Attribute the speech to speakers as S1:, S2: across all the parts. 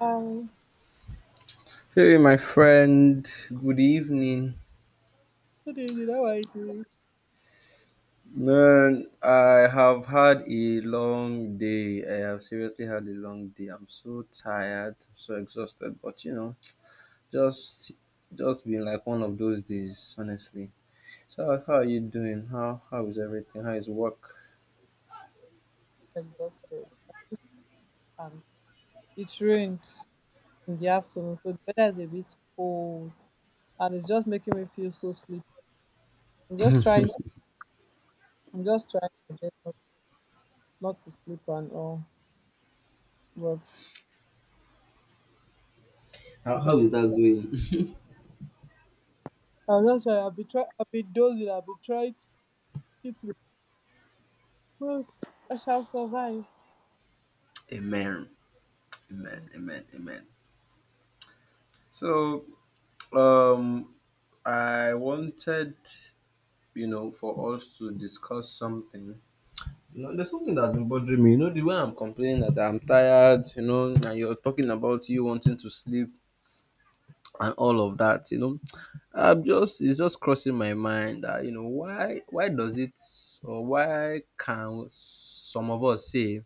S1: Um,
S2: Hey, my friend, good evening.
S1: Good evening. How are you?
S2: Man, I have had a long day. I have seriously had a long day. I'm so tired, so exhausted, but you know, just just been like one of those days, honestly. So, how are you doing? How is everything? How is work?
S1: Exhausted. And it rained in the afternoon, so the weather is a bit cold, and it's just making me feel so sleepy. I'm just trying. I'm just trying my best not to sleep and all. But
S2: How is that going?
S1: I'm not sure. I've been trying. I've been dozing. I've been trying to keep to the truth. I shall survive.
S2: Amen. Amen. Amen. Amen. So, um, I wanted, you know, for us to discuss something. You know, there's something that's been bothering me. You know, the way I'm complaining that I'm tired, you know, and you're talking about you wanting to sleep and all of that, you know. I'm just it's just crossing my mind that, you know, why does it, or why can some of us say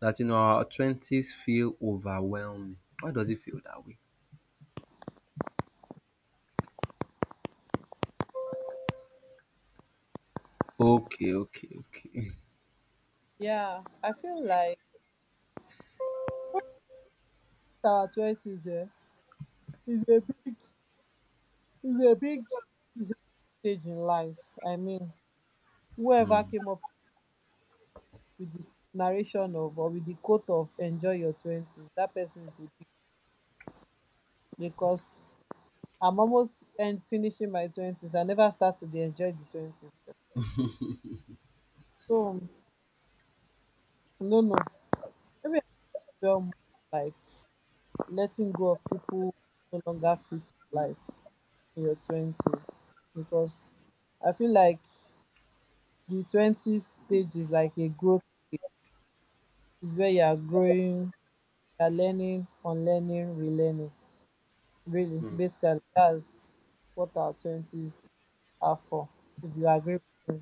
S2: that, you know, our twenties feel overwhelming? Why does it feel that way? Okay, okay, okay.
S1: Yeah, I feel like our twenties is a big, is a big, is a big stage in life. I mean, whoever came up with the narration of, or with the quote of, enjoy your twenties, that person is a beast becos I'm almost end finishing my twenties. I never start to dey enjoy the 20s. So, no, no, maybe I feel more like letting go of pipu no longer fit your life in your twenties, because I feel like the 20s stage is like a growth stage, is wia you are growing, you are learning, unlearning, relearning. Really,
S2: Hmm,
S1: basically, that's what our twenties are for, if you agree with me,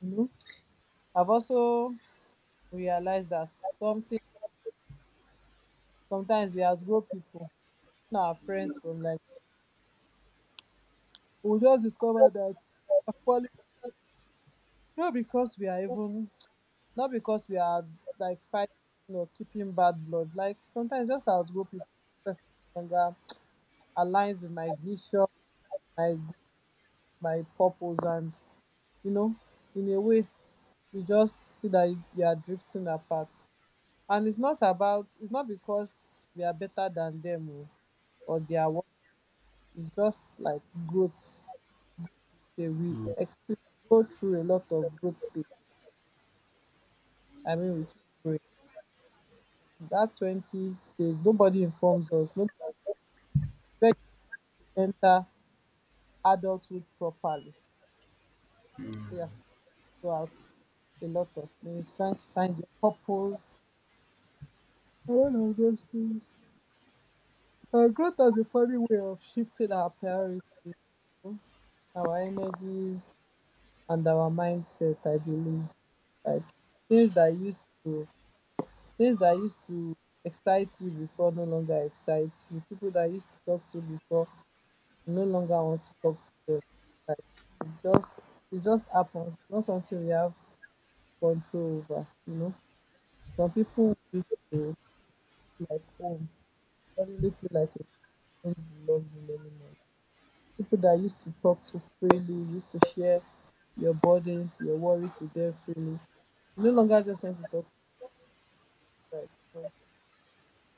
S1: you know. I've also realized that something sometimes we as grown people, even our friends from like, we just discover that we are falling, not because we are even not because we are like fighting or keeping bad blood. Like sometimes just as grown people, person no longer aligns with my vision, my my purpose, and, you know, in a way you just see that you are drifting apart, and it's not because we are better than them o, or they are worse. It's just like growth, say we
S2: hmm.
S1: expe go through a lot of growth stages. I mean we keep growing. That twenty stage, nobody informs us, nobody, where you to enter adulthood properly. We have to go out a lot of things trying to find your purpose, a lot of those things. Growth has a funny way of shifting our priorities, you know, our energies, and our mindset. I believe like things that used to things that used to excite you before no longer excite you. People that used to talk to before, you no longer want to talk to them. Like it just happens. It's not something we have control over. You know, some people used to feel like home, suddenly feel like it don't belong in anymore. People that used to talk so freely, used to share your burdens, your worries with them freely, you no longer just want to talk to. Like, "No,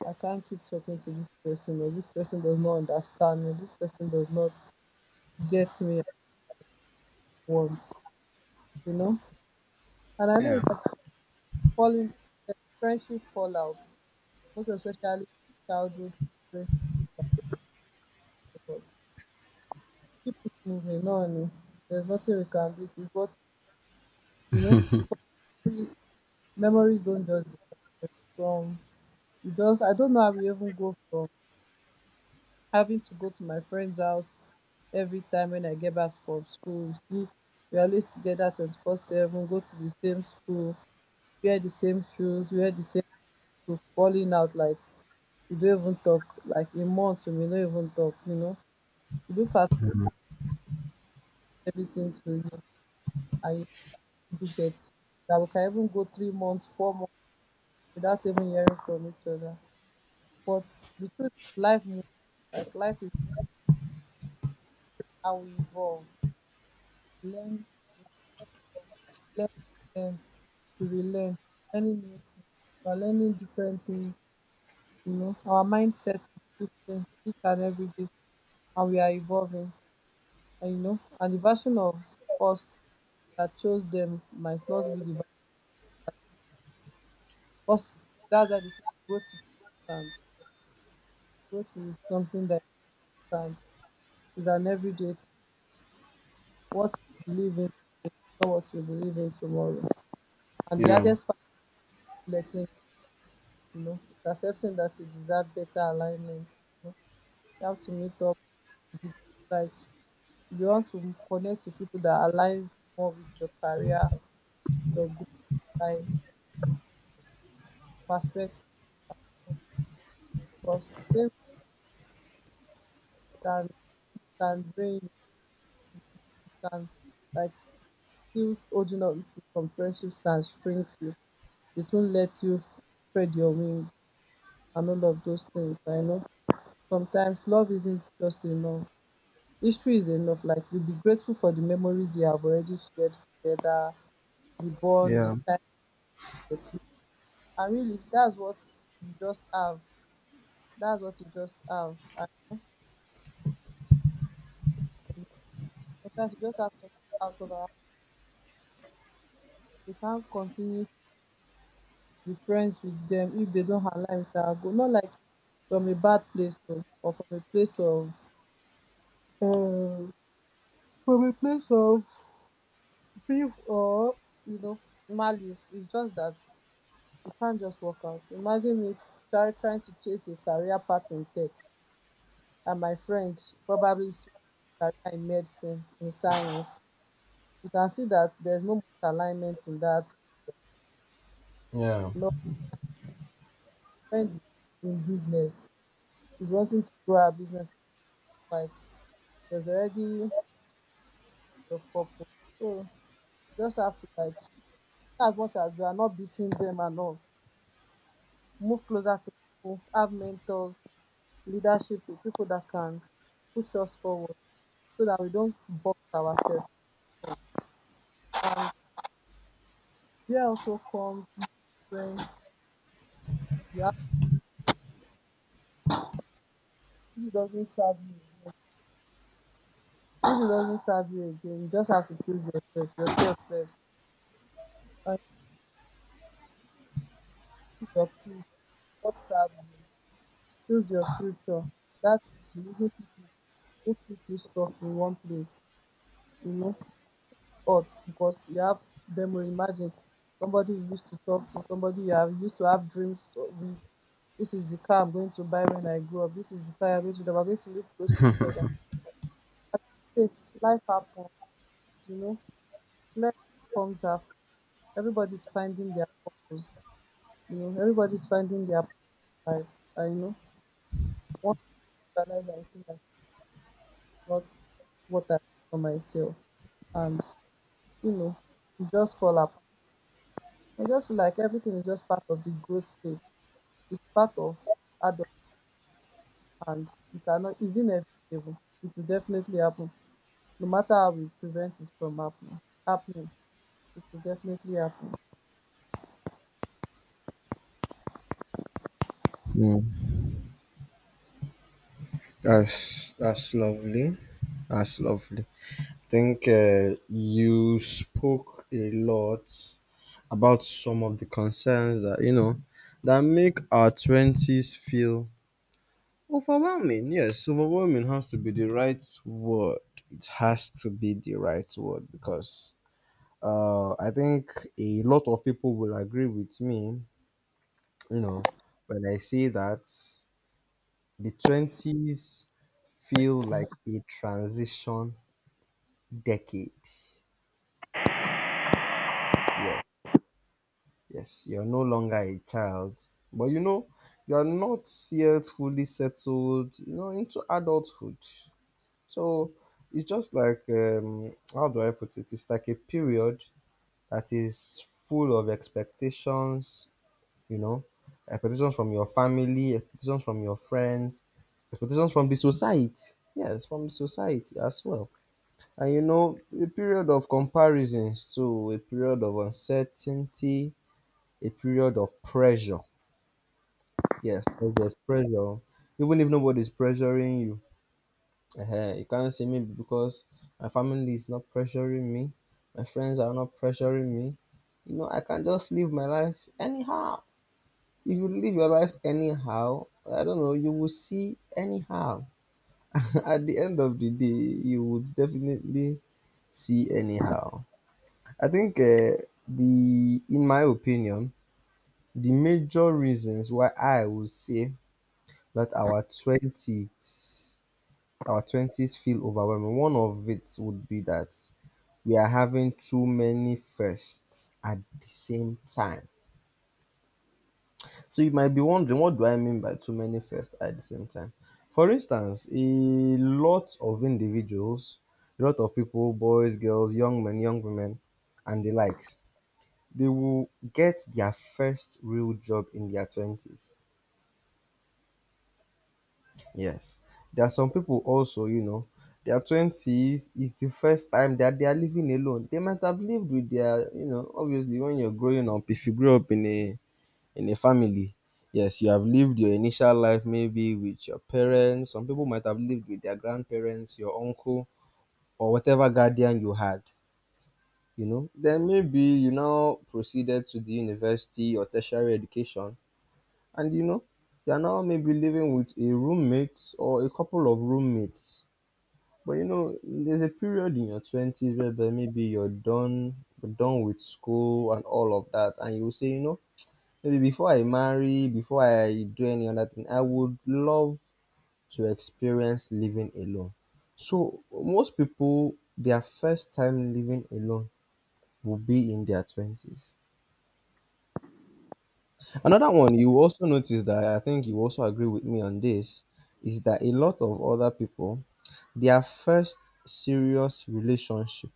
S1: I can't keep talking to this person, or this person does not understand me, this person does not get me at once," you know? And I know it
S2: Yeah,
S1: is falling, uh, friendship fallout, most especially childhood friendship, but moving on, there's nothing we can do. It is what, you know, because memories, memories don't just disappear from. Just, I don't know how we even go from having to go to my friend's house every time when I get back from school. You see, we are always together 24/7, go to the same school, wear the same shoes, falling out like we don't even talk. Like in months, we may not even talk, you know. You look at everything to you, and you do get that we can even go 3 months, 4 months without even hearing from each other. But the truth, life moves. Like life is how we evolve. Learn, learn, learn, we will learn. Learning new things. We are learning different things. You know, our mindset is shifting each and every day, and we are evolving. And you know, and the version of us that chose them might not be the us. That's why they say growth is constant. Growth is something that is constant. It's an everyday. What you believe in, not what you believe in tomorrow. And the
S2: yeah,
S1: hardest part is letting, you know, is accepting that you deserve better alignment. You know, you have to meet up. Like you want to connect to people that aligns more with your career, your goal, like perspective, because they can can drain you, can, like, still holding on to some friendships can shrink you. It won't let you spread your wings and all of those things. I know sometimes love isn't just enough. History is enough. Like you'll be grateful for the memories you have already shared together, the bond, the
S2: yeah,
S1: time you create. And really, that's what you just have. That's what you just have. And sometimes you just have to, out of our, we can't continue to be friends with them if they don't align with our goal. Not like from a bad place of, or from a place of, uh, from a place of beef or, you know, malice. It's just that it can't just work out. Imagine me trying to chase a career path in tech, and my friend probably is chasing a career in medicine, in science. You can see that there's no much alignment in that.
S2: yeah.
S1: My friend is in business. He's wanting to grow a business. Like there's already the purpose. So you just have to, like, as much as we are not beating them and all, move closer to people, have mentors, leadership with people that can push us forward so that we don't box ourselves. And there also comes, when you have, if it doesn't serve you again. If it doesn't serve you again, you just have to choose yourself, yourself first. And keep your peace. What serves you? Choose your future. That means believing people who keep you stuck in one place, you know, but because you have memory. Imagine somebody you used to talk to, somebody you have used to have dreams with, this is the car I'm going to buy when I grow up, this is the car I'm going to, we're going to live close to each other. As you say, life happens, you know, life comes after. Everybody's finding their purpose, you know, everybody's finding their life. I know once you realize, I feel like it's not what I want for myself, and, you know, you just fall apart. I just feel like everything is just part of the growth stage. It's part of adult, and you cannot, it's inevitable. It will definitely happen. No matter how we prevent it from happening. It will definitely happen.
S2: Hmm. That's lovely. That's lovely. Think you spoke a lot about some of the concerns that, you know, that make our twenties feel overwhelming. Yes, overwhelming has to be the right word. It has to be the right word because I think a lot of people will agree with me. You know, when I say that the 20s feel like a transition decade. Yes. Yes, you're no longer a child, but you know, you're not yet fully settled, you know, into adulthood. So it's just like, how do I put it? It's like a period that is full of expectations, you know, expectations from your family, expectations from your friends, expectations from the society. Yes, from the society as well. And you know, a period of comparisons, so a period of uncertainty, a period of pressure. Yes, 'cause there's pressure. Even if nobody's pressuring you, you can't say me because my family is not pressuring me, my friends are not pressuring me. You know, I can just live my life anyhow. If you live your life anyhow, I don't know, you will see anyhow. At the end of the day, you would definitely see anyhow. I think in my opinion, the major reasons why I would say let our 20s, our 20s feel overwhelming. One of it would be that we are having too many firsts at the same time. So you might be wondering, what do I mean by too many firsts at the same time? For instance, lot of individuals, a lot of people, boys, girls, young men, young women, and the likes, they will get their first real job in their 20s. Yes. There are some people also, you know, their 20s is the first time that they are living alone. They might have lived with their, you know, obviously when you're growing up, if you grew up in a family, yes, you have lived your initial life maybe with your parents. Some people might have lived with their grandparents, your uncle, or whatever guardian you had, you know. Then maybe you now proceeded to the university or tertiary education, and you know, you are now maybe living with a roommate or a couple of roommates, but you know, there's a period in your twenties whereby maybe you're done with school and all of that, and you will say, you know, maybe before I marry, before I do any other thing, I would love to experience living alone. So most people, their first time living alone will be in their twenties. Another one you will also notice that I think you also agree with me on this is that a lot of other people, their first serious relationship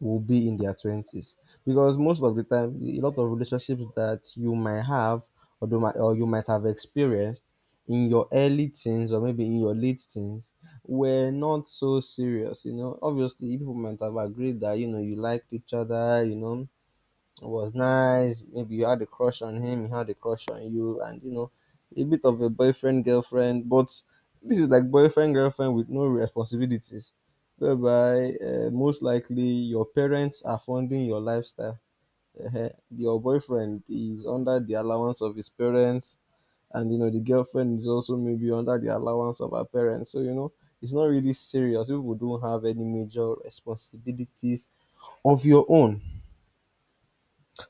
S2: will be in their 20s, because most of the time a lot of relationships that you might have, or you might have experienced in your early teens or maybe in your late teens, were not so serious. You know, obviously people might have agreed that, you know, you liked each other, you know, it was nice. Maybe you had a crush on him, he had a crush on you, and you know, a bit of a boyfriend girlfriend. But this is like boyfriend girlfriend with no responsibilities, whereby most likely your parents are funding your lifestyle. Your boyfriend is under the allowance of his parents, and you know the girlfriend is also maybe under the allowance of her parents. So you know it's not really serious. People don't have any major responsibilities of your own,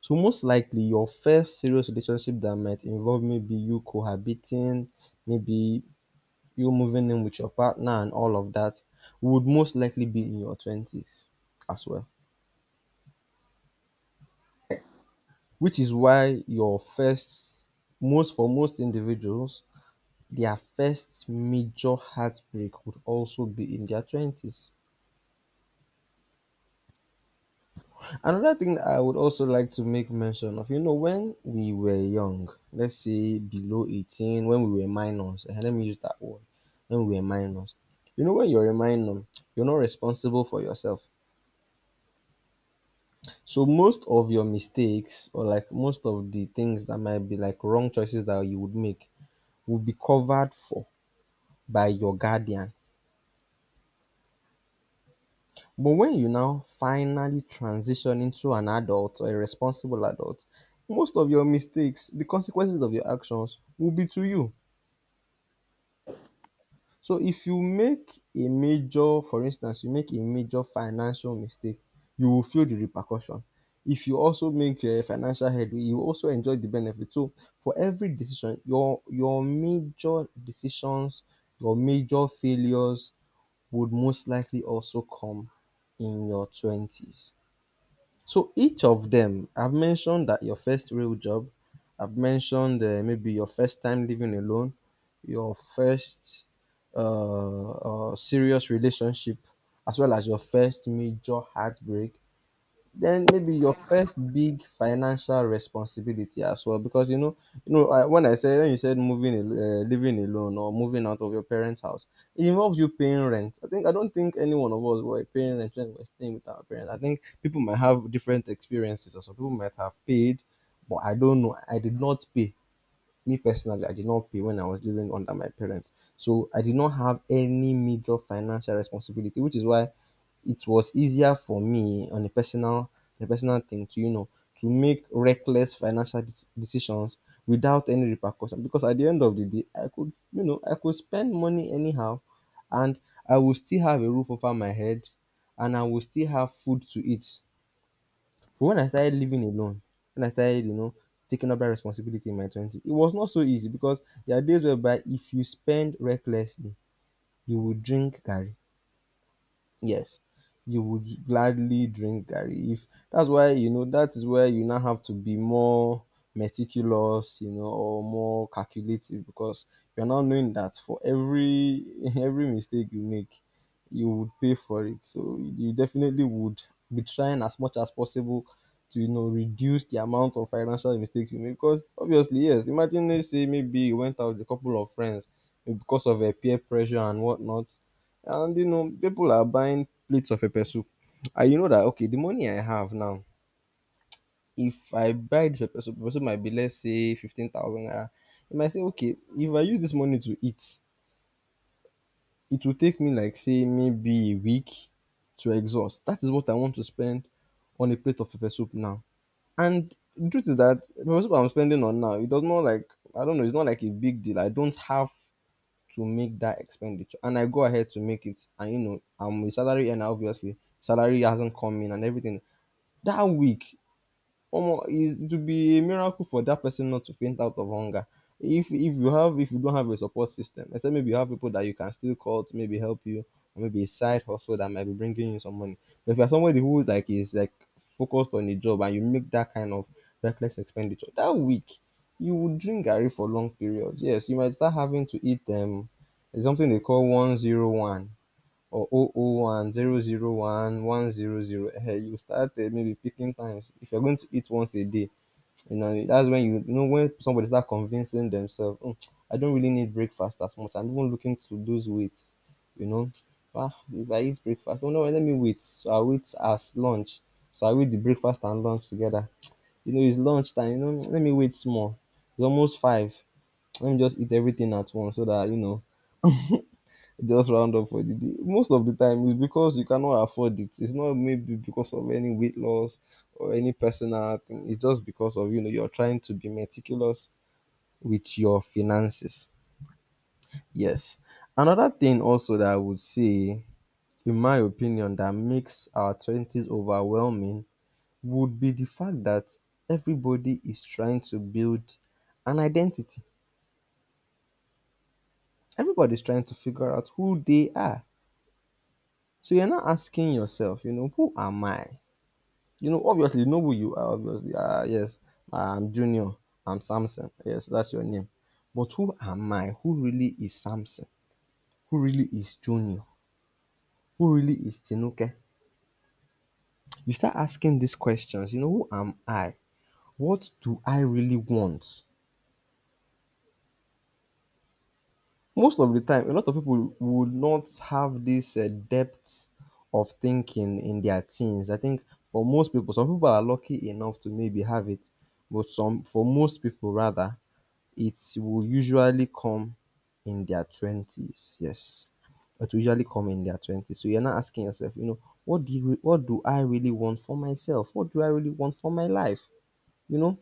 S2: so most likely your first serious relationship that might involve maybe you cohabiting, maybe you moving in with your partner and all of that, would most likely be in your 20s as well, which is why your first, most for most individuals, their first major heartbreak would also be in their 20s. Another thing that I would also like to make mention of, you know, when we were young, let's say below 18, when we were minors, and let me use that word, when we were minors, you know, when you're a minor, you're not responsible for yourself. So most of your mistakes, or like most of the things that might be like wrong choices that you would make, will be covered for by your guardian. But when you now finally transition into an adult or a responsible adult, most of your mistakes, the consequences of your actions will be to you. So if you make a major, for instance, you make a major financial mistake, you will feel the repercussion. If you also make a financial headway, you also enjoy the benefit. So for every decision, your major decisions, your major failures would most likely also come in your twenties. So each of them, I've mentioned that your first real job, I've mentioned maybe your first time living alone, your first uh, serious relationship, as well as your first major heartbreak, then maybe your first big financial responsibility as well, because you know, when I said when you said moving, living alone or moving out of your parents' house, it involves you paying rent. I think I don't think any one of us were paying rent when we were staying with our parents. I think people might have different experiences, or some people might have paid, but I don't know. I did not pay. Me personally, I did not pay when I was living under my parents. So I did not have any major financial responsibility, which is why it was easier for me on a personal, a personal thing to, you know, to make reckless financial decisions without any repercussion, because at the end of the day, I could, you know, I could spend money anyhow, and I will still have a roof over my head, and I will still have food to eat. But when I started living alone, when I started, you know, taking up that responsibility in my 20s, it was not so easy because there are days whereby if you spend recklessly, you will drink garri. Yes, you would gladly drink garri. If that's why, you know, that is where you now have to be more meticulous, you know, or more calculative, because you're now knowing that for every every mistake you make, you would pay for it. So you definitely would be trying as much as possible to, you know, reduce the amount of financial mistakes you make, because obviously, yes, imagine they say maybe you went out with a couple of friends, maybe because of a peer pressure and whatnot. And you know, people are buying plates of pepper soup. And you know that, okay, the money I have now, if I buy this pepper soup might be, let's say, 15,000 naira. You might say, okay, if I use this money to eat, it will take me like say maybe a week to exhaust. That is what I want to spend on a plate of pepper soup now. And the truth is that the pepper soup I'm spending on now, it does not like, I don't know, it's not like a big deal. I don't have to make that expenditure, and I go ahead to make it, and you know I'm a salary earner. Obviously salary hasn't come in and everything that week, Omo, it would be a miracle for that person not to faint out of hunger. If you have, if you don't have a support system, except maybe you have people that you can still call to maybe help you, or maybe a side hustle that might be bringing you some money. But if you're somebody who like is like focused on a job and you make that kind of reckless expenditure, that week you would drink garri for long periods. Yes, you might start having to eat it's something they call 1-0-1 or oh oh 001, zero zero 001, 1-0-0. Hey, you start maybe picking times. If you're going to eat once a day, you know, that's when when somebody start convincing themselves, "Oh, I don't really need breakfast as much. I'm even looking to lose weight, you know. Ah, if I eat breakfast, oh no, let me wait. So I wait as lunch. So I wait the breakfast and lunch together." You know, it's lunchtime. You know, let me wait small. It's almost five. Let me just eat everything at once so that, you know, just round up for the day. Most of the time, it's because you cannot afford it. It's not maybe because of any weight loss or any personal thing. It's just because of you know you're trying to be meticulous with your finances. Yes. Another thing also that I would say, in my opinion, that makes our twenties overwhelming would be the fact that everybody is trying to build an identity. Everybody's trying to figure out who they are. So you're not asking yourself, you know, who am I? You know, obviously, know who you are, obviously. Ah, yes, I'm Junior. I'm Samson. Yes, that's your name. But who am I? Who really is Samson? Who really is Junior? Who really is Tinuke? You start asking these questions, you know, who am I? What do I really want? Most of the time, a lot of people would not have this depth of thinking in their teens. I think for most people, some people are lucky enough to maybe have it, but some for most people rather, it will usually come in their 20s. Yes, it will usually come in their 20s. So you're not asking yourself, you know, what do I really want for myself? What do I really want for my life? You know,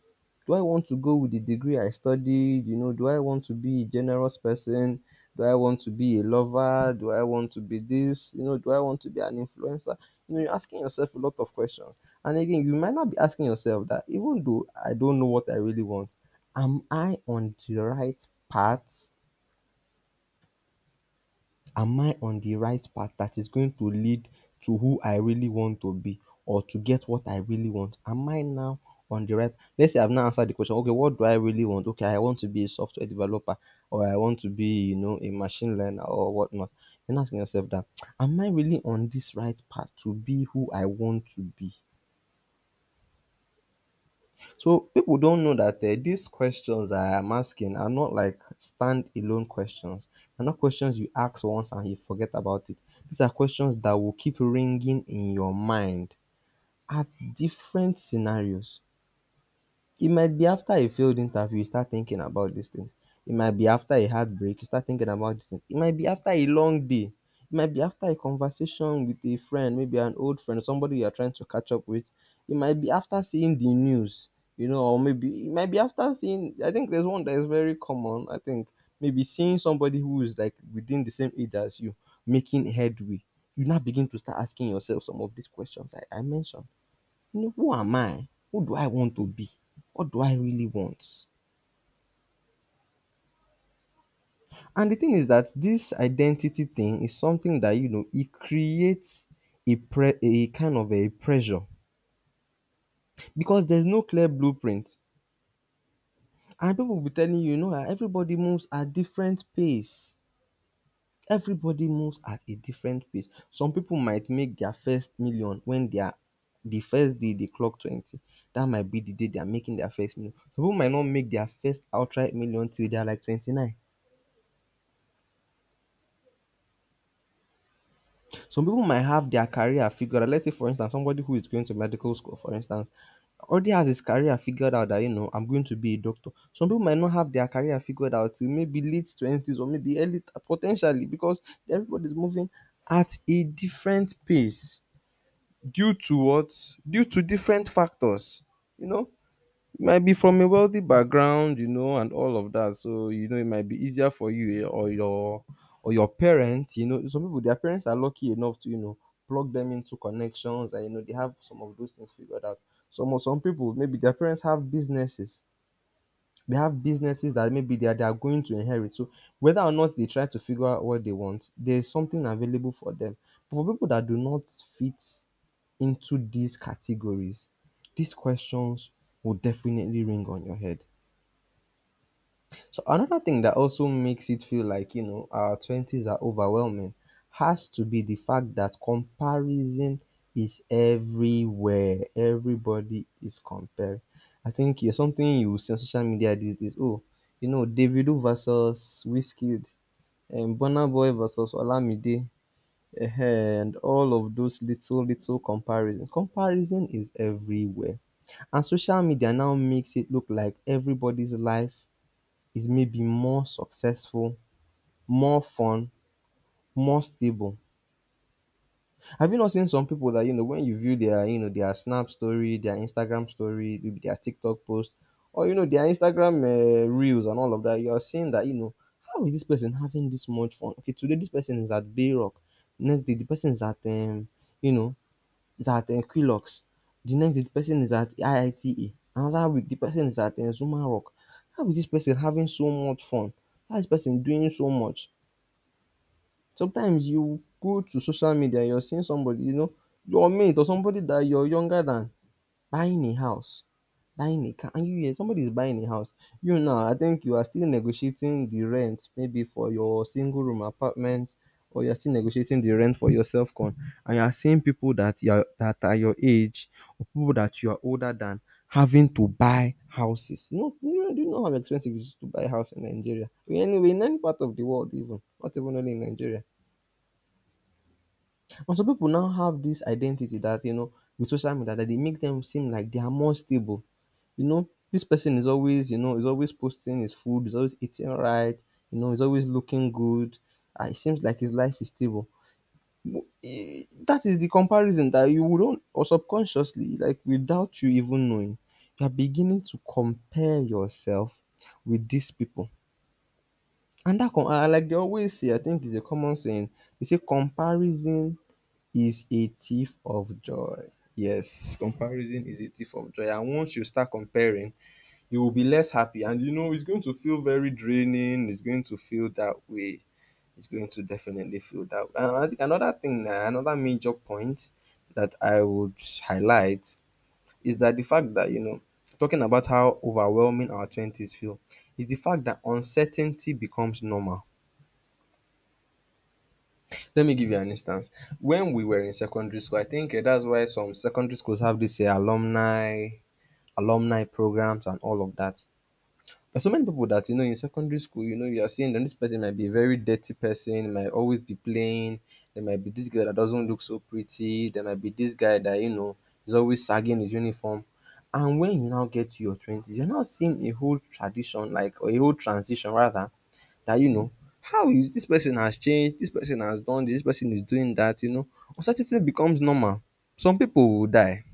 S2: do I want to go with the degree I studied? You know, do I want to be a generous person? Do I want to be a lover? Do I want to be this? You know, do I want to be an influencer? You know, you're asking yourself a lot of questions. And again, you might not be asking yourself that, even though I don't know what I really want, am I on the right path? Am I on the right path that is going to lead to who I really want to be or to get what I really want? Am I now on the let's say I've now answered the question, okay, what do I really want? Okay, I want to be a software developer or I want to be, you know, a machine learner or whatnot. Then asking yourself that, am I really on this right path to be who I want to be? So people don't know that these questions I am asking are not like stand-alone questions. They're not questions you ask once and you forget about it. These are questions that will keep ringing in your mind at different scenarios. It might be after a failed interview you start thinking about these things. It might be after a heartbreak you start thinking about these things. It might be after a long day. It might be after a conversation with a friend, maybe an old friend, somebody you are trying to catch up with. It might be after seeing the news, you know, or maybe it might be after seeing. I think there's one that is very common. I think maybe seeing somebody who is like within the same age as you making headway. You now begin to start asking yourself some of these questions I mentioned. You know, who am I? Who do I want to be? What do I really want? And the thing is that this identity thing is something that, you know, it creates a kind of a pressure because there's no clear blueprint. And people will be telling you, you know, that everybody moves at different pace. Everybody moves at a different pace. Some people might make their first million when they are the first day they clock 20. That might be the day they are making their first million. Some people might not make their first outright million till they are like 29. Some people might have their career figured out. Let's say, for instance, somebody who is going to medical school, for instance, already has his career figured out that, you know, I'm going to be a doctor. Some people might not have their career figured out till maybe late 20s or maybe early, potentially, because everybody's moving at a different pace due to what? Due to different factors, you know? It might be from a wealthy background, you know, and all of that. So, you know, it might be easier for you, or your parents, you know. Some people, their parents are lucky enough to, you know, plug them into connections, and you know they have some of those things figured out. Some people, maybe their parents have businesses they have businesses that maybe they are going to inherit. So whether or not they try to figure out what they want, there's something available for them. But for people that do not fit into these categories, these questions will definitely ring on your head. So another thing that also makes it feel like, you know, our twenties are overwhelming has to be the fact that comparison is everywhere. Everybody is comparing. I think it's something you will see on social media these days. Oh, you know, Davido versus Wizkid, and Burna Boy versus Olamide, and all of those little little comparisons. Comparison is everywhere, and social media now makes it look like everybody's life is maybe more successful, more fun, more stable. Have you not seen some people that, you know, when you view their, you know, their Snap story, their Instagram story, maybe their TikTok post, or, you know, their Instagram reels and all of that, you're seeing that, you know, how is this person having this much fun? Okay, today this person is at Bayrock. Next day, the person is at, you know, is at Quilox. The next day, the person is at IITA. Another week, the person is at Zuma Rock. How is this person having so much fun? How is this person doing so much? Sometimes you go to social media and you're seeing somebody, you know, your mate or somebody that you're younger than buying a house, buying a car, and you hear somebody is buying a house. You now, I think you are still negotiating the rent, maybe for your single room apartment, or you're still negotiating the rent for your self con. And you are seeing people that are your age or people that you are older than having to buy houses. You know, do you know how expensive it is to buy a house in Nigeria? Anyway, in any part of the world, even not even only in Nigeria. And some people now have this identity that, you know, with social media that they make them seem like they are more stable. You know, this person is always, you know, is always posting his food, is always eating right, you know, is always looking good. And it seems like his life is stable. That is the comparison that you wouldn't or subconsciously, like without you even knowing, you are beginning to compare yourself with these people. And that com and like they always say, I think it's a common saying, they say comparison is a thief of joy. Yes, comparison is a thief of joy. And once you start comparing, you will be less happy. And you know, it's going to feel very draining. It's going to feel that way. It's going to definitely feel that way. And I think another thing, another major point that I would highlight is that the fact that, you know, talking about how overwhelming our 20s feel, is the fact that uncertainty becomes normal. Let me give you an instance. When we were in secondary school, I think that's why some secondary schools have this alumni programs and all of that. But so many people that you know in secondary school, you know, you are seeing that this person might be a very dirty person, might always be playing. There might be this girl that doesn't look so pretty. There might be this guy that you know is always sagging his uniform. And when you now get to your twenties, you're now seeing a whole transition rather, that you know how is this person has changed, this person has done this, this person is doing that, you know. Uncertainty becomes normal. Some people will die.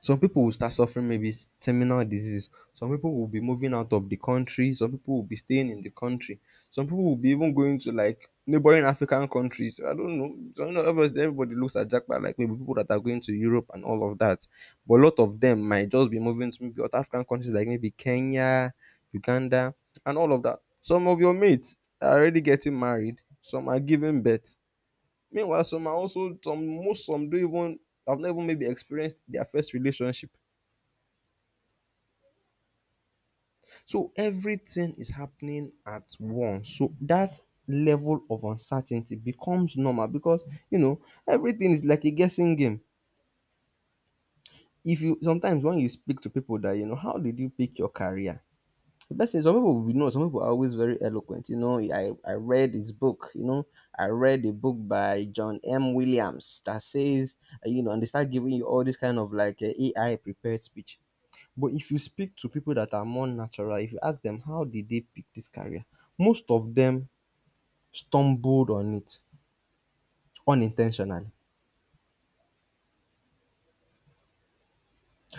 S2: Some people will start suffering maybe terminal disease. Some people will be moving out of the country. Some people will be staying in the country. Some people will be even going to like neighboring African countries. I don't know. So, you know, obviously, everybody looks at Jackpot like maybe people that are going to Europe and all of that. But a lot of them might just be moving to maybe other African countries like maybe Kenya, Uganda, and all of that. Some of your mates are already getting married. Some are giving birth. Meanwhile, some are also some most some don't even have not even maybe experienced their first relationship. So everything is happening at once. So that level of uncertainty becomes normal because you know everything is like a guessing game. If you sometimes when you speak to people, that you know, how did you pick your career? The best is some people we know, some people are always very eloquent. You know, I read his book, you know, I read a book by John M. Williams that says, you know, and they start giving you all this kind of like AI prepared speech. But if you speak to people that are more natural, if you ask them how did they pick this career, most of them stumbled on it unintentionally.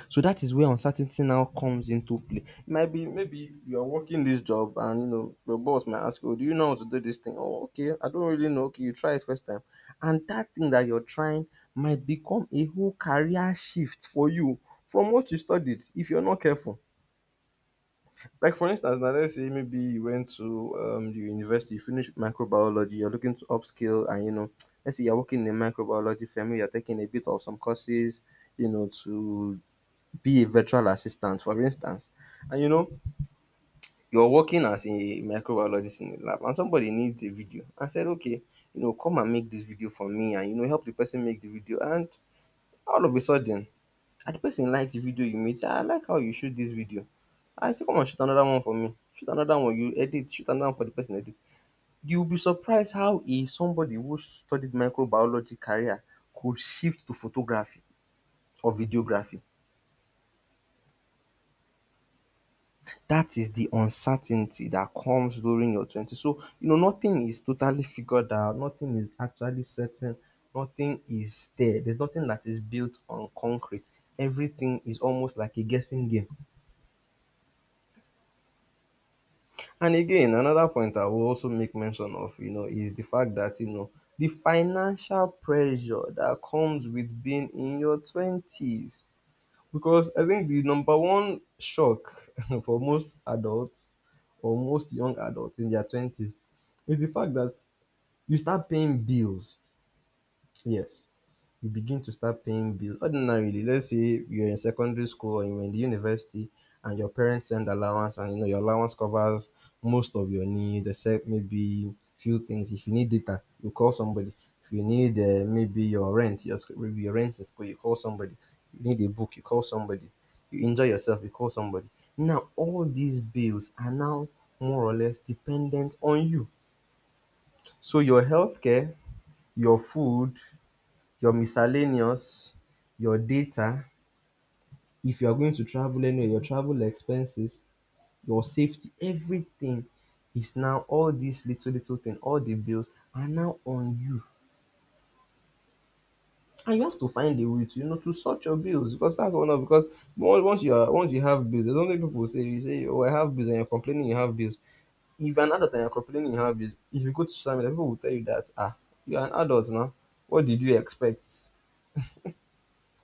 S2: So that is where uncertainty now comes into play. Might be maybe you're working this job and you know your boss might ask you, "Oh, do you know how to do this thing?" Oh, okay, I don't really know. Okay, you try it first time. And that thing that you're trying might become a whole career shift for you from what you studied if you're not careful. Like for instance, now let's say maybe you went to the university, you finished microbiology, you're looking to upskill, and you know, let's say you're working in a microbiology family, you're taking a bit of some courses, you know, to be a virtual assistant, for instance, and you know, you're working as a microbiologist in the lab, and somebody needs a video, and said, okay, you know, come and make this video for me, and you know, help the person make the video, and all of a sudden and the person likes the video you made. Say, "Ah, I like how you shoot this video." I say, "Come on, shoot another one for me. Shoot another one. You edit. Shoot another one for the person edit." You'll be surprised how a somebody who studied microbiology career could shift to photography or videography. That is the uncertainty that comes during your twenties. So you know nothing is totally figured out. Nothing is actually certain. Nothing is there. There's nothing that is built on concrete. Everything is almost like a guessing game. And again, another point I will also make mention of, you know, is the fact that, you know, the financial pressure that comes with being in your 20s. Because I think the number one shock for most adults or most young adults in their 20s is the fact that you start paying bills. Yes. You begin to start paying bills. Ordinarily, let's say you're in secondary school or you're in the university and your parents send allowance and you know your allowance covers most of your needs except maybe few things. If you need data, you call somebody. If you need maybe your rent, your maybe your rent in school, you call somebody. You need a book, you call somebody. You enjoy yourself, you call somebody. Now all these bills are now more or less dependent on you. So your healthcare, your food, your miscellaneous, your data, if you are going to travel anywhere, your travel expenses, your safety, everything is now all these little little thing, all the bills are now on you. And you have to find a way to, you know, to sort your bills because that's one of because once you are once you have bills, there's something people say, you say, oh, I have bills, and you're complaining you have bills. If you're an adult and you're complaining you have bills, if you go to social media, people will tell you that, ah, you're an adult now. What did you expect?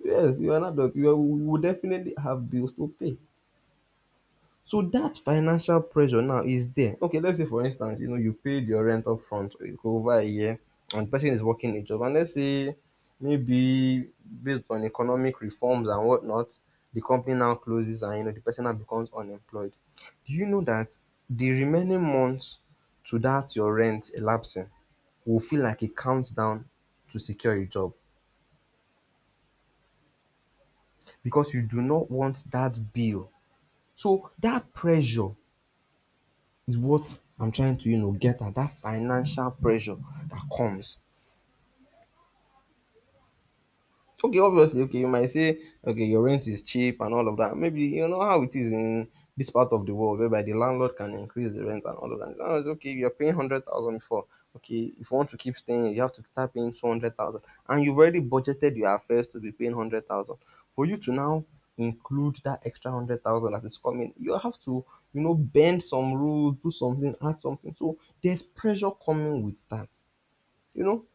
S2: Yes, you're an adult. You will definitely have bills to pay. So that financial pressure now is there. Okay, let's say for instance, you know, you paid your rent up front over a year and the person is working a job. And let's say maybe based on economic reforms and whatnot, the company now closes and you know the person now becomes unemployed. Do you know that the remaining months to that your rent elapsing will feel like a countdown to secure a job because you do not want that bill. So dat pressure is what I'm trying to, you know, get at. Dat financial pressure that comes. Okay, obviously, okay, you might say, okay, your rent is cheap and all of that. Maybe you know how it is in this part of the world, whereby the landlord can increase the rent and all of that. Now it's okay, you're paying 100,000 before. Okay, if you want to keep staying, you have to start paying 200,000, and you've already budgeted your affairs to be paying 100,000. For you to now include that extra hundred thousand that is coming, you have to, you know, bend some rules, do something, add something. So there's pressure coming with that, you know.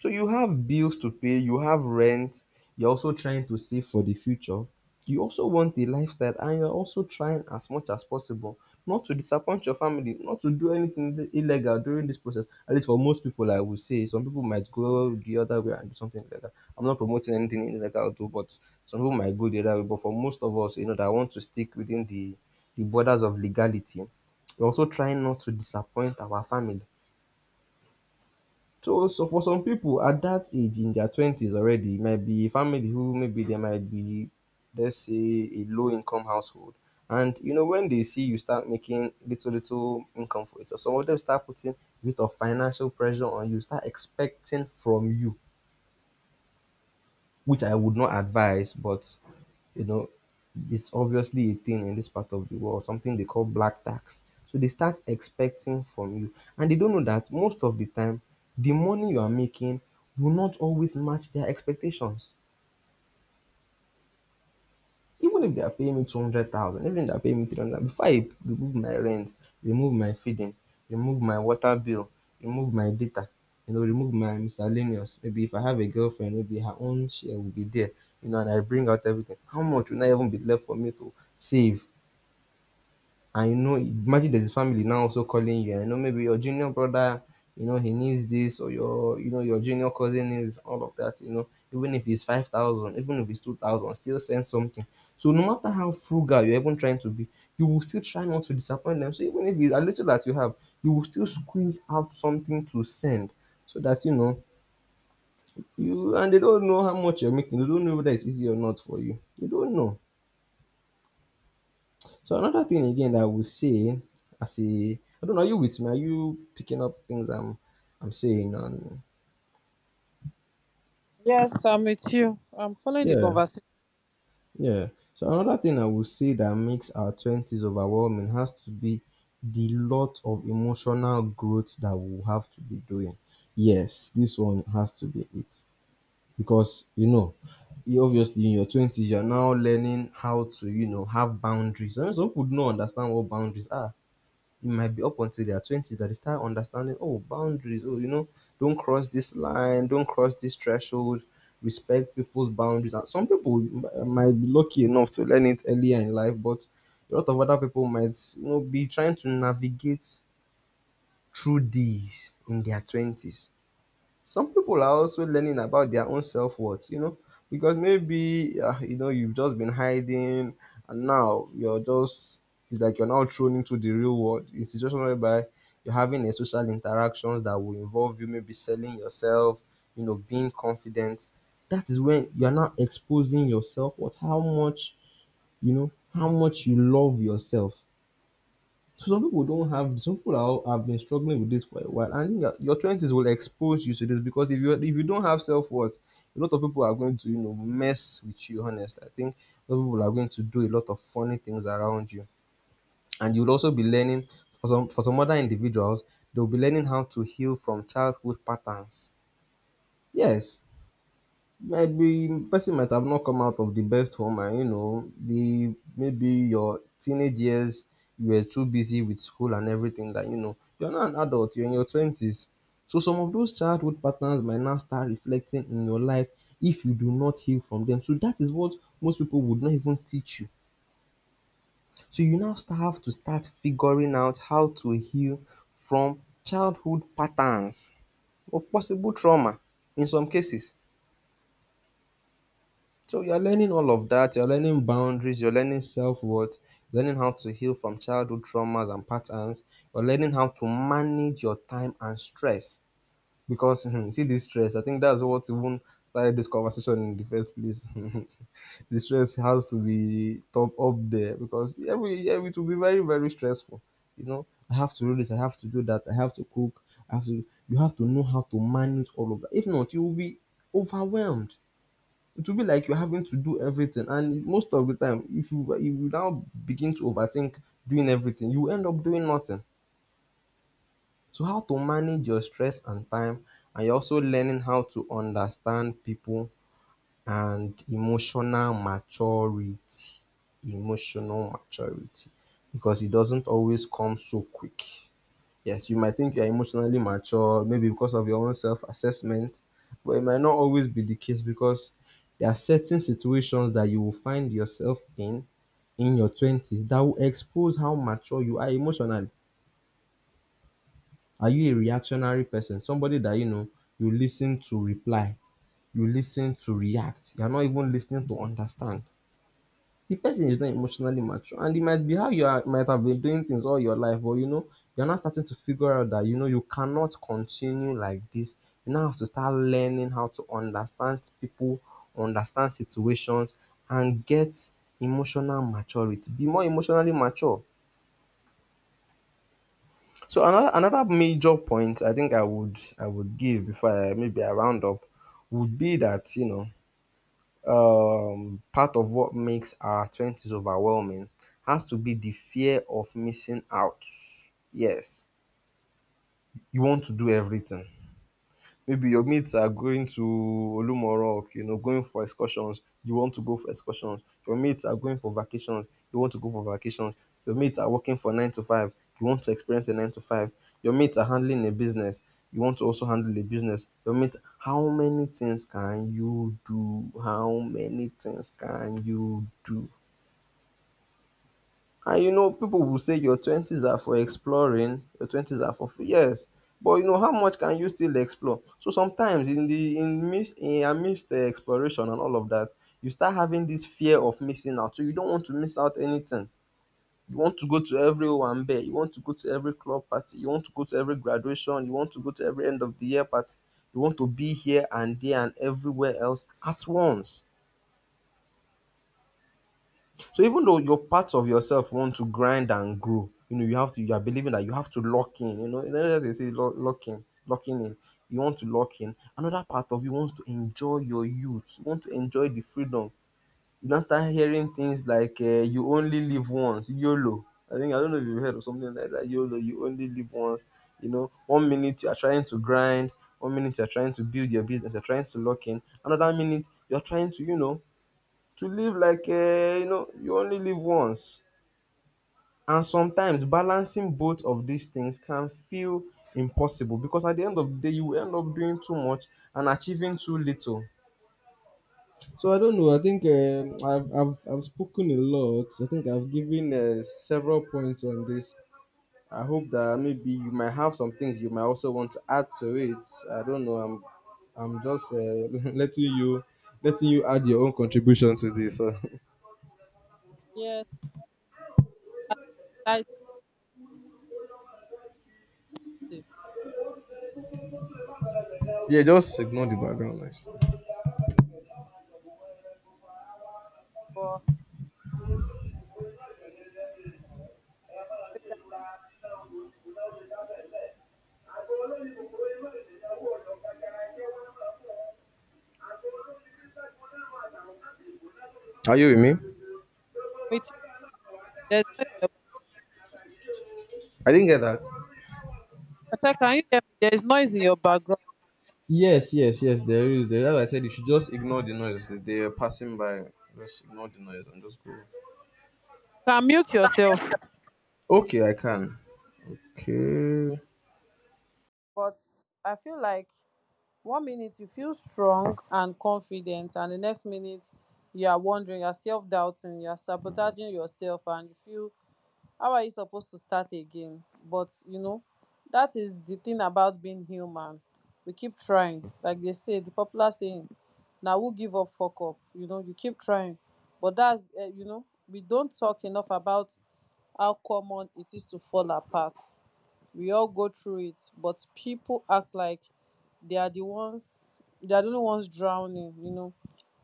S2: So you have bills to pay, you have rent, you're also trying to save for the future. You also want a lifestyle and you're also trying as much as possible not to disappoint your family, not to do anything illegal during this process. At least for most people, I would say some people might go the other way and do something illegal. I'm not promoting anything illegal too, but some people might go the other way. But for most of us, you know, that want to stick within the borders of legality, we're also trying not to disappoint our family, so, so for some people at that age, in their twenties already, it might be a family who maybe they might be, let's say, a low income household. And you know, when they see you start making little little income for yourself, some of them start putting a bit of financial pressure on you, start expecting from you, which I would not advise, but, you know, it's obviously a thing in this part of the world, something they call black tax. So they start expecting from you, and they don't know that most of the time, the money you are making will not always match their expectations. Even if they are paying me 200,000, even if they are paying me 300, before I remove my rent, remove my feeding, remove my water bill, remove my data, you know, remove my miscellaneous, maybe if I have a girlfriend, maybe her own share will be there, you know, and I bring out everything, how much will not even be left for me to save. And you know, imagine there's a family now also calling you, and you know, maybe your junior brother, you know, he needs this, or your, you know, your junior cousin needs all of that, you know, even if it's 5,000, even if it's 2,000, still send something. So no matter how frugal you're even trying to be, you will still try not to disappoint them. So even if it's a little that you have, you will still squeeze out something to send so that, you know, you, and they don't know how much you're making. They don't know whether it's easy or not for you. You don't know. So another thing again that I would say as a, I don't know, are you with me? Are you picking up things I'm saying? And
S1: Yes, I'm with you. I'm following the
S2: yeah,
S1: conversation.
S2: yeah. So another thing I would say that makes our twenties overwhelming has to be the lot of emotional growth that we'll have to be doing. Yes, this one has to be it. Because you know, you obviously in your twenties you're now learning how to, you know, have boundaries. And some people don't understand what boundaries are. It might be up until their 20s that they start understanding, oh, boundaries, oh, you know, don't cross this line, don't cross this threshold, respect people's boundaries. And some people might be lucky enough to learn it earlier in life, but a lot of other people might, you know, be trying to navigate through these in their 20s. Some people are also learning about their own self worth, you know, because maybe you know, you've just been hiding, and now you're just, it's like you're now thrown into the real world. It's situation whereby you're having a social interactions that will involve you maybe selling yourself, you know, being confident. That is when you're now exposing yourself. What how much you know, how much you love yourself. So some people don't have some people are, have been struggling with this for a while, and your twenties will expose you to this because if you don't have self worth, a lot of people are going to you know mess with you. Honestly, I think a lot of people are going to do a lot of funny things around you, and you'll also be learning for some other individuals. They'll be learning how to heal from childhood patterns. Yes, maybe person might have not come out of the best home, and you know, the maybe your teenage years you were too busy with school and everything that you know you're not an adult, you're in your twenties. So some of those childhood patterns might now start reflecting in your life if you do not heal from them. So that is what most people would not even teach you. So you now start have to start figuring out how to heal from childhood patterns or possible trauma in some cases. So you're learning all of that. You're learning boundaries. You're learning self-worth. You're learning how to heal from childhood traumas and patterns. You're learning how to manage your time and stress. Because hmm, see this stress, I think that's what even started this conversation in the first place. The stress has to be top up there because every year it will be very, very stressful. You know, I have to do this, I have to do that, I have to cook, I have to you have to know how to manage all of that. If not, you will be overwhelmed, it will be like you're having to do everything. And most of the time, if you now begin to overthink doing everything, you end up doing nothing. So how to manage your stress and time, and you're also learning how to understand people and emotional maturity. Emotional maturity. Because it doesn't always come so quick. Yes, you might think you're emotionally mature, maybe because of your own self assessment, but it might not always be the case because there are certain situations that you will find yourself in your 20s that will expose how mature you are emotionally. Are you a reactionary person? Somebody that, you know, you listen to reply, you listen to react, you're not even listening to understand. The person is not emotionally mature and it might be how you are, might have been doing things all your life but you know you're now starting to figure out that you know you cannot continue like this, you now have to start learning how to understand people, understand situations and get emotional maturity, be more emotionally mature. So another major point I think I would give before I maybe I round up would be that you know part of what makes our 20s overwhelming has to be the fear of missing out. Yes, you want to do everything. Maybe your mates are going to Olumorok, you know, going for excursions, you want to go for excursions. Your mates are going for vacations, you want to go for vacations. Your mates are working for nine to five, you want to experience a nine to five. Your mates are handling a business, you want to also handle a business. Your mates, how many things can you do? How many things can you do? And you know, people will say your 20s are for exploring, your 20s are for free. Yes, but you know, how much can you still explore? So sometimes in amidst the exploration and all of that, you start having this fear of missing out. So you don't want to miss out anything. You want to go to every Owambe, you want to go to every club party, you want to go to every graduation, you want to go to every end of the year party. You want to be here and there and everywhere else at once. So even though your parts of yourself want to grind and grow, you know, you have to, you are believing that you have to lock in, you know, as they say, lock in, locking in. You want to lock in. Another part of you wants to enjoy your youth, you want to enjoy the freedom. You now start hearing things like you only live once, YOLO. I think, I don't know if you've heard of something like that, YOLO, you only live once. You know, one minute you are trying to grind, one minute you are trying to build your business, you're trying to lock in, another minute you're trying to, you know, to live like you know you only live once, and sometimes balancing both of these things can feel impossible because at the end of the day you will end up doing too much and achieving too little. So I don't know, I think I've spoken a lot, I think I've given several points on this. I hope that maybe you might have some things you might also want to add to it. I don't know, I'm just letting you add your own contribution to this so.
S1: Yes, light safe.
S2: Yeah, just ignore the background noise.
S1: But I'm
S2: Are you with me?
S1: with you.
S2: I didn't get that.
S1: There's noise in your background.
S2: Yes, yes, yes, there is. There, like I said, you should just ignore the noise. They are passing by. Just ignore the noise and just go.
S1: I said, can you hear me? There is noise in your background. You can mute yourself.
S2: Okay, I can. Okay.
S1: But I feel like one minute you feel strong and confident, and the next minute you are wondering, you are self doubting, you are sabotaging yourself, and you feel, how are you supposed to start again? But you know, that is the thing about being human. We keep trying, like they say, the popular saying, now who give up, fuck up. You know, you keep trying, but that's, you know, we don't talk enough about how common it is to fall apart. We all go through it, but people act like they are the ones, they are the only ones drowning, you know.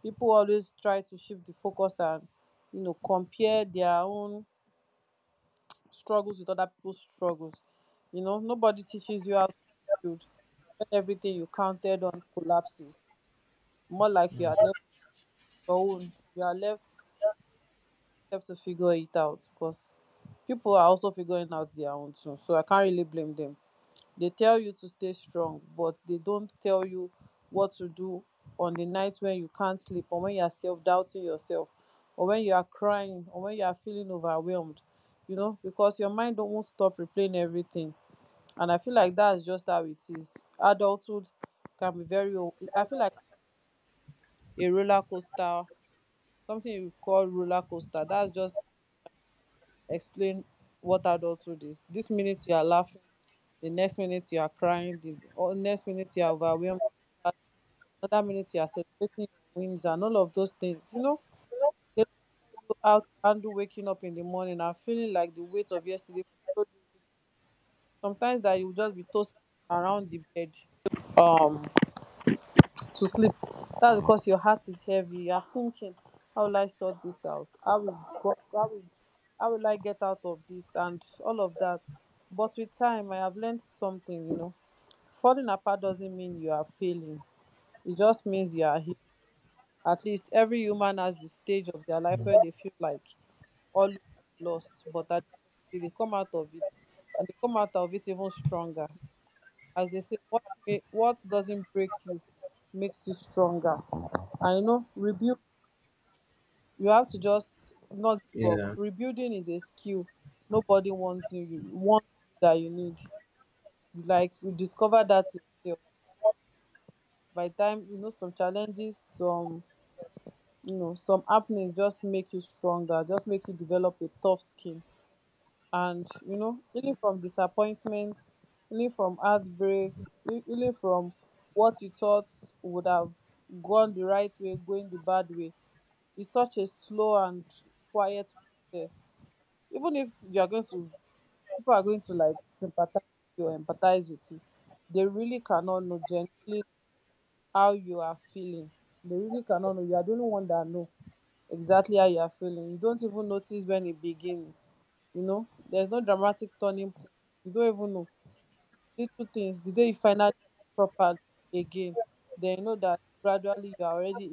S1: People always try to shift the focus and, you know, compare their own struggles with other people's struggles. You know, nobody teaches you how to build when everything you counted on collapses. More like you are left your own, you are left, left to figure it out, because people are also figuring out their own too, so I can't really blame them. They tell you to stay strong, but they don't tell you what to do on the night when you can't sleep, or when you are self doubting yourself, or when you are crying, or when you are feeling overwhelmed, you know, because your mind don't won't stop replaying everything. And I feel like that's just how it is. Adulthood can be very I feel like a roller coaster, something you call roller coaster. That's just explain what adulthood is. This minute you are laughing, the next minute you are crying, the or next minute you are overwhelmed, another minute you are celebrating your wins and all of those things. You know, they don't tell you how to handle waking up in the morning and feeling like the weight of yesterday followed you. Sometimes that you will just be tossing around the bed Um to sleep. That's because your heart is heavy. You are thinking, how will I sort this out? How will go, how will, how will I get out of this and all of that? But with time, I have learned something. You know, falling apart doesn't mean you are failing. It just means you are healed. At least every human has the stage of their life where they feel like all is lost, but at the end of the day, they come out of it, and they come out of it even stronger. As they say, what doesn't break you makes you stronger. I know rebuild. You have to just not give up.
S2: Yeah.
S1: Rebuilding is a skill. Nobody wants you. Wants you that you need. You like you discover that yourself. By the time you know some challenges, some happenings just make you stronger. Just make you develop a tough skin. And you know healing from disappointment, healing from heartbreaks, healing from what you thought would have gone the right way, going the bad way, it's such a slow and quiet process. Even if you are going to, people are going to like sympathize with you or empathize with you, they really cannot know genuinely how you are feeling. They really cannot know. You are the only one that know exactly how you are feeling. You don't even notice when it begins. You know, there's no dramatic turning point. You don't even know little things. The day you finally eat properly again, then you know that gradually you are already,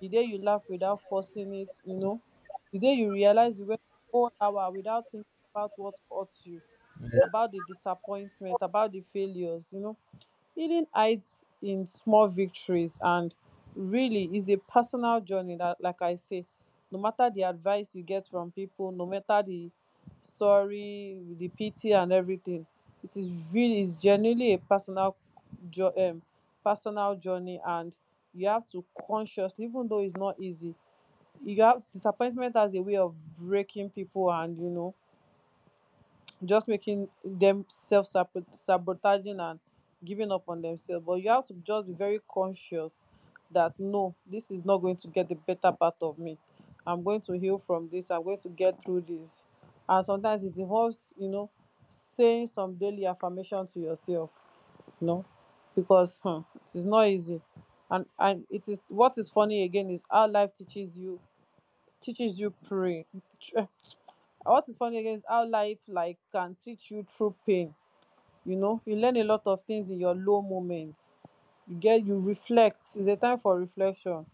S1: the day you laugh without forcing it, you know, the day you realize you went whole hour without thinking about what hurt you,
S2: Yeah.
S1: about the disappointment, about the failures, you know. Healing hides in small victories and really is a personal journey that, like I say, no matter the advice you get from people, no matter the sorry, the pity and everything, it is really is genuinely a personal jo- um, personal journey, and you have to consciously, even though it's not easy, you have disappointment as a way of breaking people, and, you know, just making them self sabotaging and giving up on themselves. But you have to just be very conscious that no, this is not going to get the better part of me. I'm going to heal from this. I'm going to get through this. And sometimes it involves, you know, saying some daily affirmation to yourself, you know, because hmm, it is not easy. And it is what is funny again is how life teaches you pray what is funny again is how life like can teach you through pain, you know. You learn a lot of things in your low moments. You reflect. It's a time for reflection,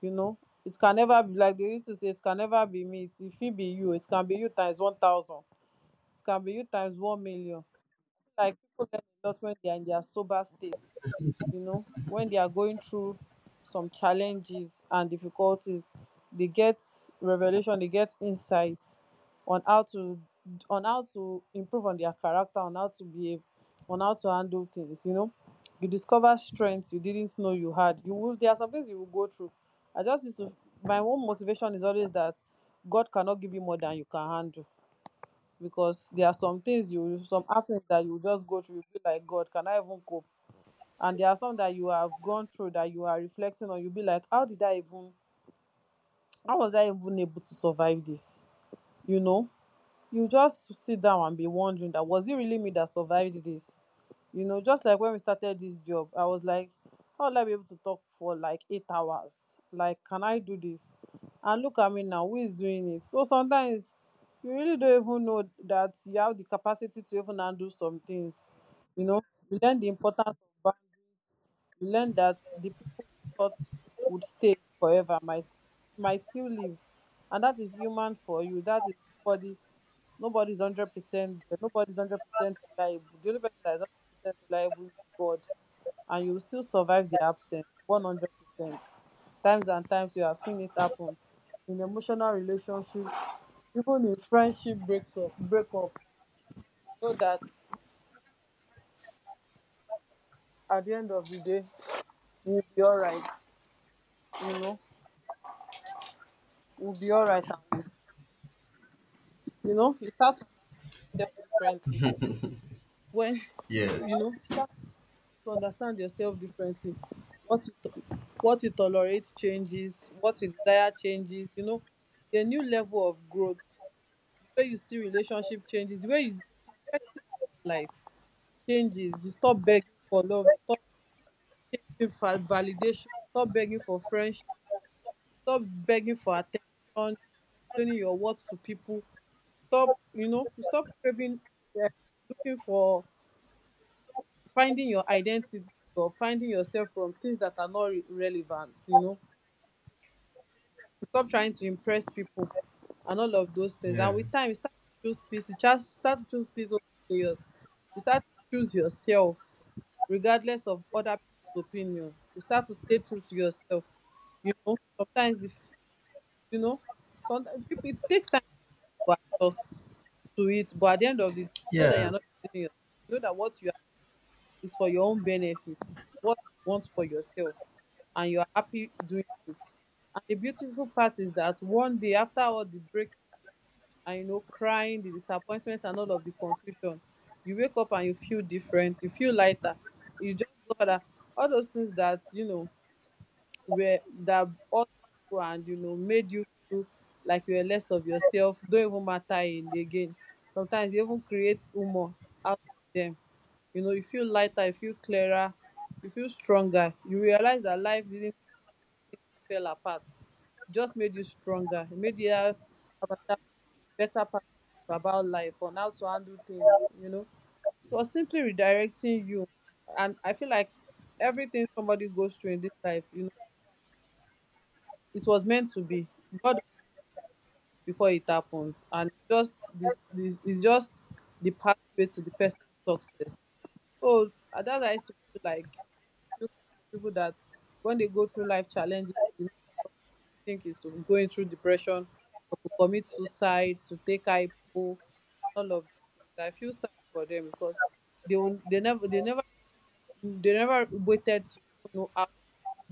S1: you know. It can never be, like they used to say, it can never be me. It if it be you, it can be you times 1,000. It can be you times 1,000,000. Like, a lot, when they are in their sober state, you know, when they are going through some challenges and difficulties, they get revelation, they get insight on how to, on how to improve on their character, on how to behave, on how to handle things, you know. You discover strengths you didn't know you had. You will, there are some things you will go through. I just used to, my own motivation is always that God cannot give you more than you can handle, because there are some things you will, some happens that you will just go through, you feel like, God, can I even cope? And there are some that you have gone through that you are reflecting on, you'll be like, how did I even, how was I even able to survive this? You know, you just sit down and be wondering, that was it really me that survived this? You know, just like when we started this job, I was like, how will I be able to talk for like 8 hours? Like, can I do this? And look at me now, who is doing it. So sometimes you really don't even know that you have the capacity to even handle some things, you know. You learn the importance of boundaries. You learn that the people you thought would stay forever might still live, and that is human for you. That is, nobody Nobody's 100%. Nobody's 100% reliable. The only person that is 100% reliable is God, and you will still survive the absence. 100%. Times and times you have seen it happen in emotional relationships, even in friendship breaks up. Break up. You know that at the end of the day, we'll be alright. You know, we'll be alright. You know, you start to understand yourself differently. When,
S2: Yes.
S1: you know, start to understand yourself differently, what you tolerate changes, what you desire changes, you know. The new level of growth, the way you see relationship changes, the way you, your perspective about life changes, you stop begging for love, you stop chasing for validation, you stop begging for friendship, you stop begging for attention, you stop explaining your worth to people. Stop, you know, you stop craving, eh, looking for, finding your identity, or finding yourself from things that are not relevant, you know. You stop trying to impress people and all of those things, and
S2: Yeah.
S1: with time you start to choose peace. You just start to choose peace over chaos. You start to choose yourself regardless of other people's opinion. You start to stay true to yourself. You know, sometimes you know, sometimes it takes time to adjust to it. But at the end of the day, you know that you're
S2: Yeah.
S1: not deceiving yourself. You know that what you, it's for your own benefit, it's what you want for yourself, and you're happy doing it. And the beautiful part is that one day, after all the break and, you know, crying, the disappointment, and all of the confusion, you wake up and you feel different. You feel lighter. You just discover that all those things that, you know, were, that all you, and, you know, made you feel like you were less of yourself, don't even matter in again. Sometimes you even create humor out of them, you know. You feel lighter, you feel clearer, you feel stronger. You realize that life didn't fell apart. It just made you stronger. It made you have another better perspective about life on how to handle things, you know. It was simply redirecting you. And I feel like everything somebody goes through in this life, you, it was meant to be. God before it happened, and just this, this is just the pathway to the person's success. So at that, I used to feel like I used to feel sad for people that, when they go through life challenges, the next option they think is to going through depression, or to commit suicide, to take IPO, all of these things. I feel sad for them because they will, they never waited to even know how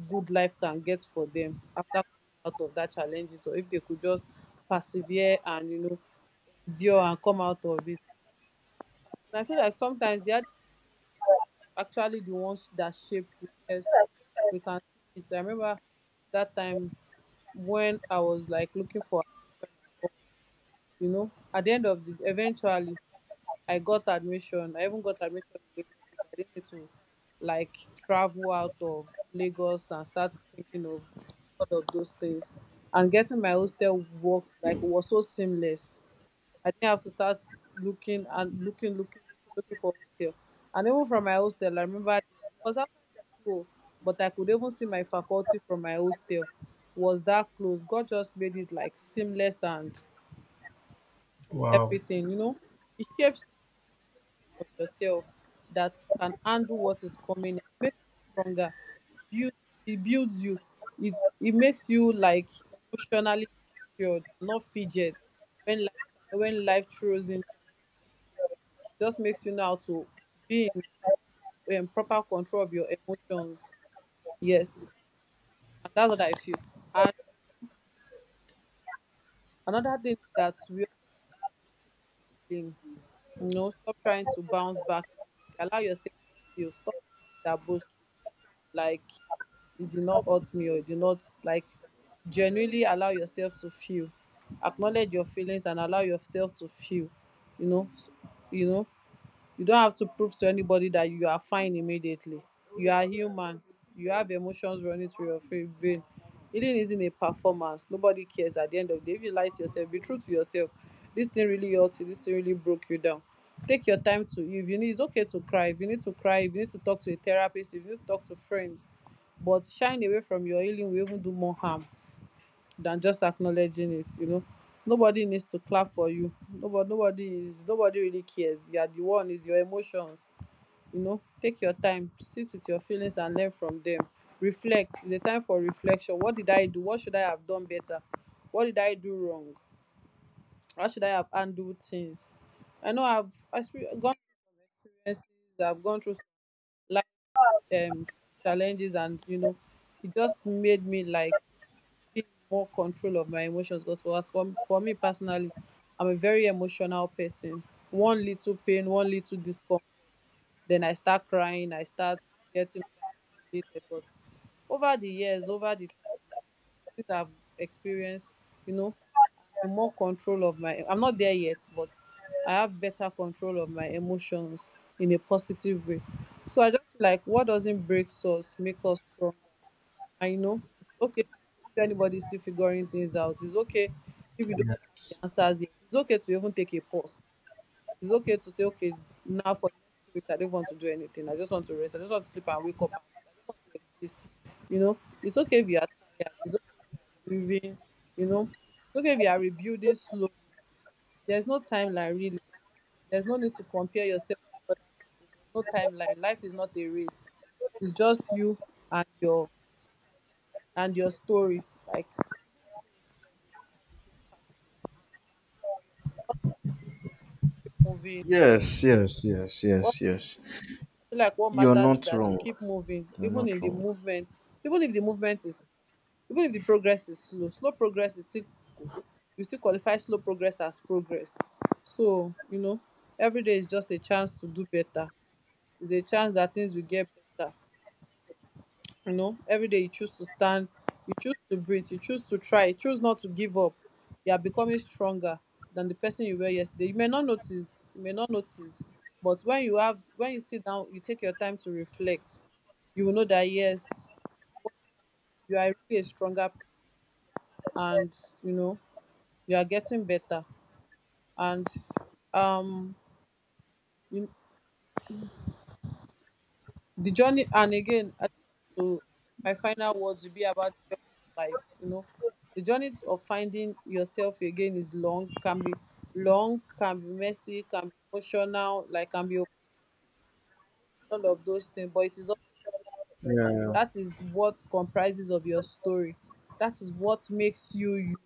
S1: good life can get for them after coming out of that challenge. So if they could just persevere and, you know, endure and come out of it. And I feel like sometimes they are actually the ones that shape you. Yes, we can see it. I remember that time when I was like looking for admission, and all, you know, at the end of the, eventually, I got admission. I even got admission in Lagos State. I didn't need to like travel out of Lagos and start thinking of all of those things. And getting my hostel worked, like, was so seamless. I didn't have to start looking and looking, looking, looking, looking for hostel. And even from my hostel, I remember it was outside the school, but I could even see my faculty from my hostel. Was that close? God just made it like seamless and
S2: Wow.
S1: everything, you know. It shapes you into the version of yourself that can handle what is coming. It makes you stronger. It builds it builds you. It it makes you like emotionally matured and not fidget when life, when life throws in challenges, just makes you know how to be in proper control of your emotions. Yes. And that's what I feel. And another thing is that we blame. You know, stop trying to bounce back immediately. Allow yourself to feel. Stop being that boast. Like, it did not hurt me, or it did not like, genuinely allow yourself to feel. Acknowledge your feelings and allow yourself to feel. You know, you know you don't have to prove to anybody that you are fine immediately. You are human. You have emotions running through your vein. Healing isn't a performance. Nobody cares at the end of the day. If you lie to yourself, be true to yourself. This thing really hurt you, this thing really broke you down. Take your time to, if you need, it's okay to cry. If you need to cry, if you need to talk to a therapist, if you need to talk to friends. But shying away from your healing will even do more harm than just acknowledging it. Nobody needs to clap for you. Nobody is, nobody really cares. You are the one, is your emotions. Take your time, sit with your feelings and learn from them. Reflect. It's a time for reflection. What did I do? What should I have done better? What did I do wrong? How should I have handled things? I know I've gone through some experiences. I've gone through some life, um challenges, and it just made me like being more control of my emotions. Because for me personally, I'm a very emotional person. One little pain, one little discomfort, then I start crying, I start getting overstimulated. But over the years, over the time, things I've experienced, you know I'm in more control of my, I'm not there yet, but I have better control of my emotions, in a positive way. So I just feel like what doesn't break us make us strong. I know. It's okay if anybody's still figuring things out. It's okay if you don't
S2: Yeah.
S1: have the answers yet. It's okay to even take a pause. It's okay to say, okay, now for the next 2 weeks, I don't want to do anything. I just want to rest. I just want to sleep and wake up. And I just want to exist. You know, it's okay if you are tired. It's okay if you are grieving. You know, it's okay if you are rebuilding slowly. There's no timeline, really. There's no need to compare yourself with other people. There's no timeline. Life is not a race. It's just you and your, and your story. Like, keep moving.
S2: Yes, yes, yes,
S1: What
S2: yes,
S1: I
S2: yes.
S1: feel, like what
S2: You're
S1: matters is
S2: not
S1: that you
S2: wrong.
S1: keep moving,
S2: You're
S1: even in
S2: not
S1: the
S2: wrong.
S1: movement, even if the movement is, even if the progress is slow. Slow progress is still, you still qualify slow progress as progress. So, you know, every day is just a chance to do better. It's a chance that things will get better. You know, every day you choose to stand, you choose to breathe, you choose to try, you choose not to give up. You are becoming stronger than the person you were yesterday. You may not notice, you may not notice, but when you have, when you sit down, you take your time to reflect, you will know that yes, you are really a stronger person, and you know you are getting better. And um, you. The journey, and again, I just want to, my final words will be about the journey of life. The journey of finding yourself again is long, can be long, can be messy, can be emotional, like, can be all of those things. But it is also,
S2: Yeah.
S1: that is what comprises of your story. That is what makes you you.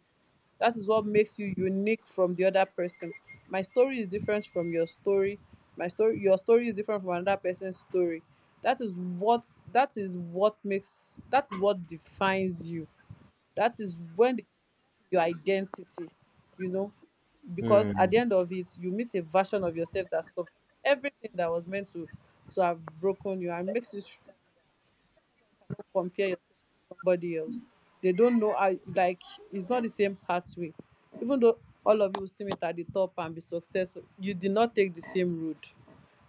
S1: That is what makes you unique from the other person. My story is different from your story. My story, your story is different from another person's story. That is what, that is what makes, that is what defines you. That is when your identity, you know, because at
S2: Hmm.
S1: the end of it, you meet a version of yourself that survived everything that was meant to have broken you, and makes you strong. Cannot compare yourself with somebody else. They don't know how, like, it's not the same pathway. Even though all of you will still meet at the top and be successful, you did not take the same route.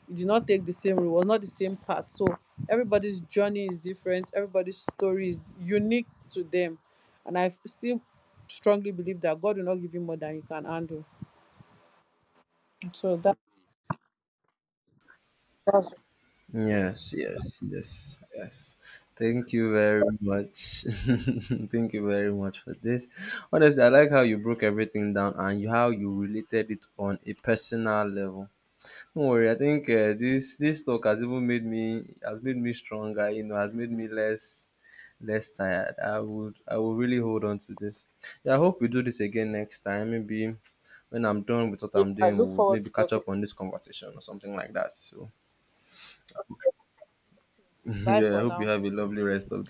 S1: You did not take the same route, it was not the same path. So everybody's journey is different, everybody's story is unique to them. And I still strongly believe that God will not give you more than you can handle. So that, that's.
S2: Yes, yes, yes, yes. Thank you very much. Thank you very much for this. Honestly, I like how you broke everything down and you, how you related it on a personal level. Don't worry, I think this this talk has even made me has made me stronger. You know, has made me less less tired. I would really hold on to this. Yeah, I hope we do this again next time. Maybe when I'm done with what I'm
S1: I
S2: doing,
S1: look
S2: we'll
S1: forward
S2: maybe
S1: to
S2: catch
S1: talking.
S2: up on this conversation or something like that. So.
S1: Bye
S2: Yeah, I
S1: for
S2: hope you
S1: now.
S2: have a lovely rest of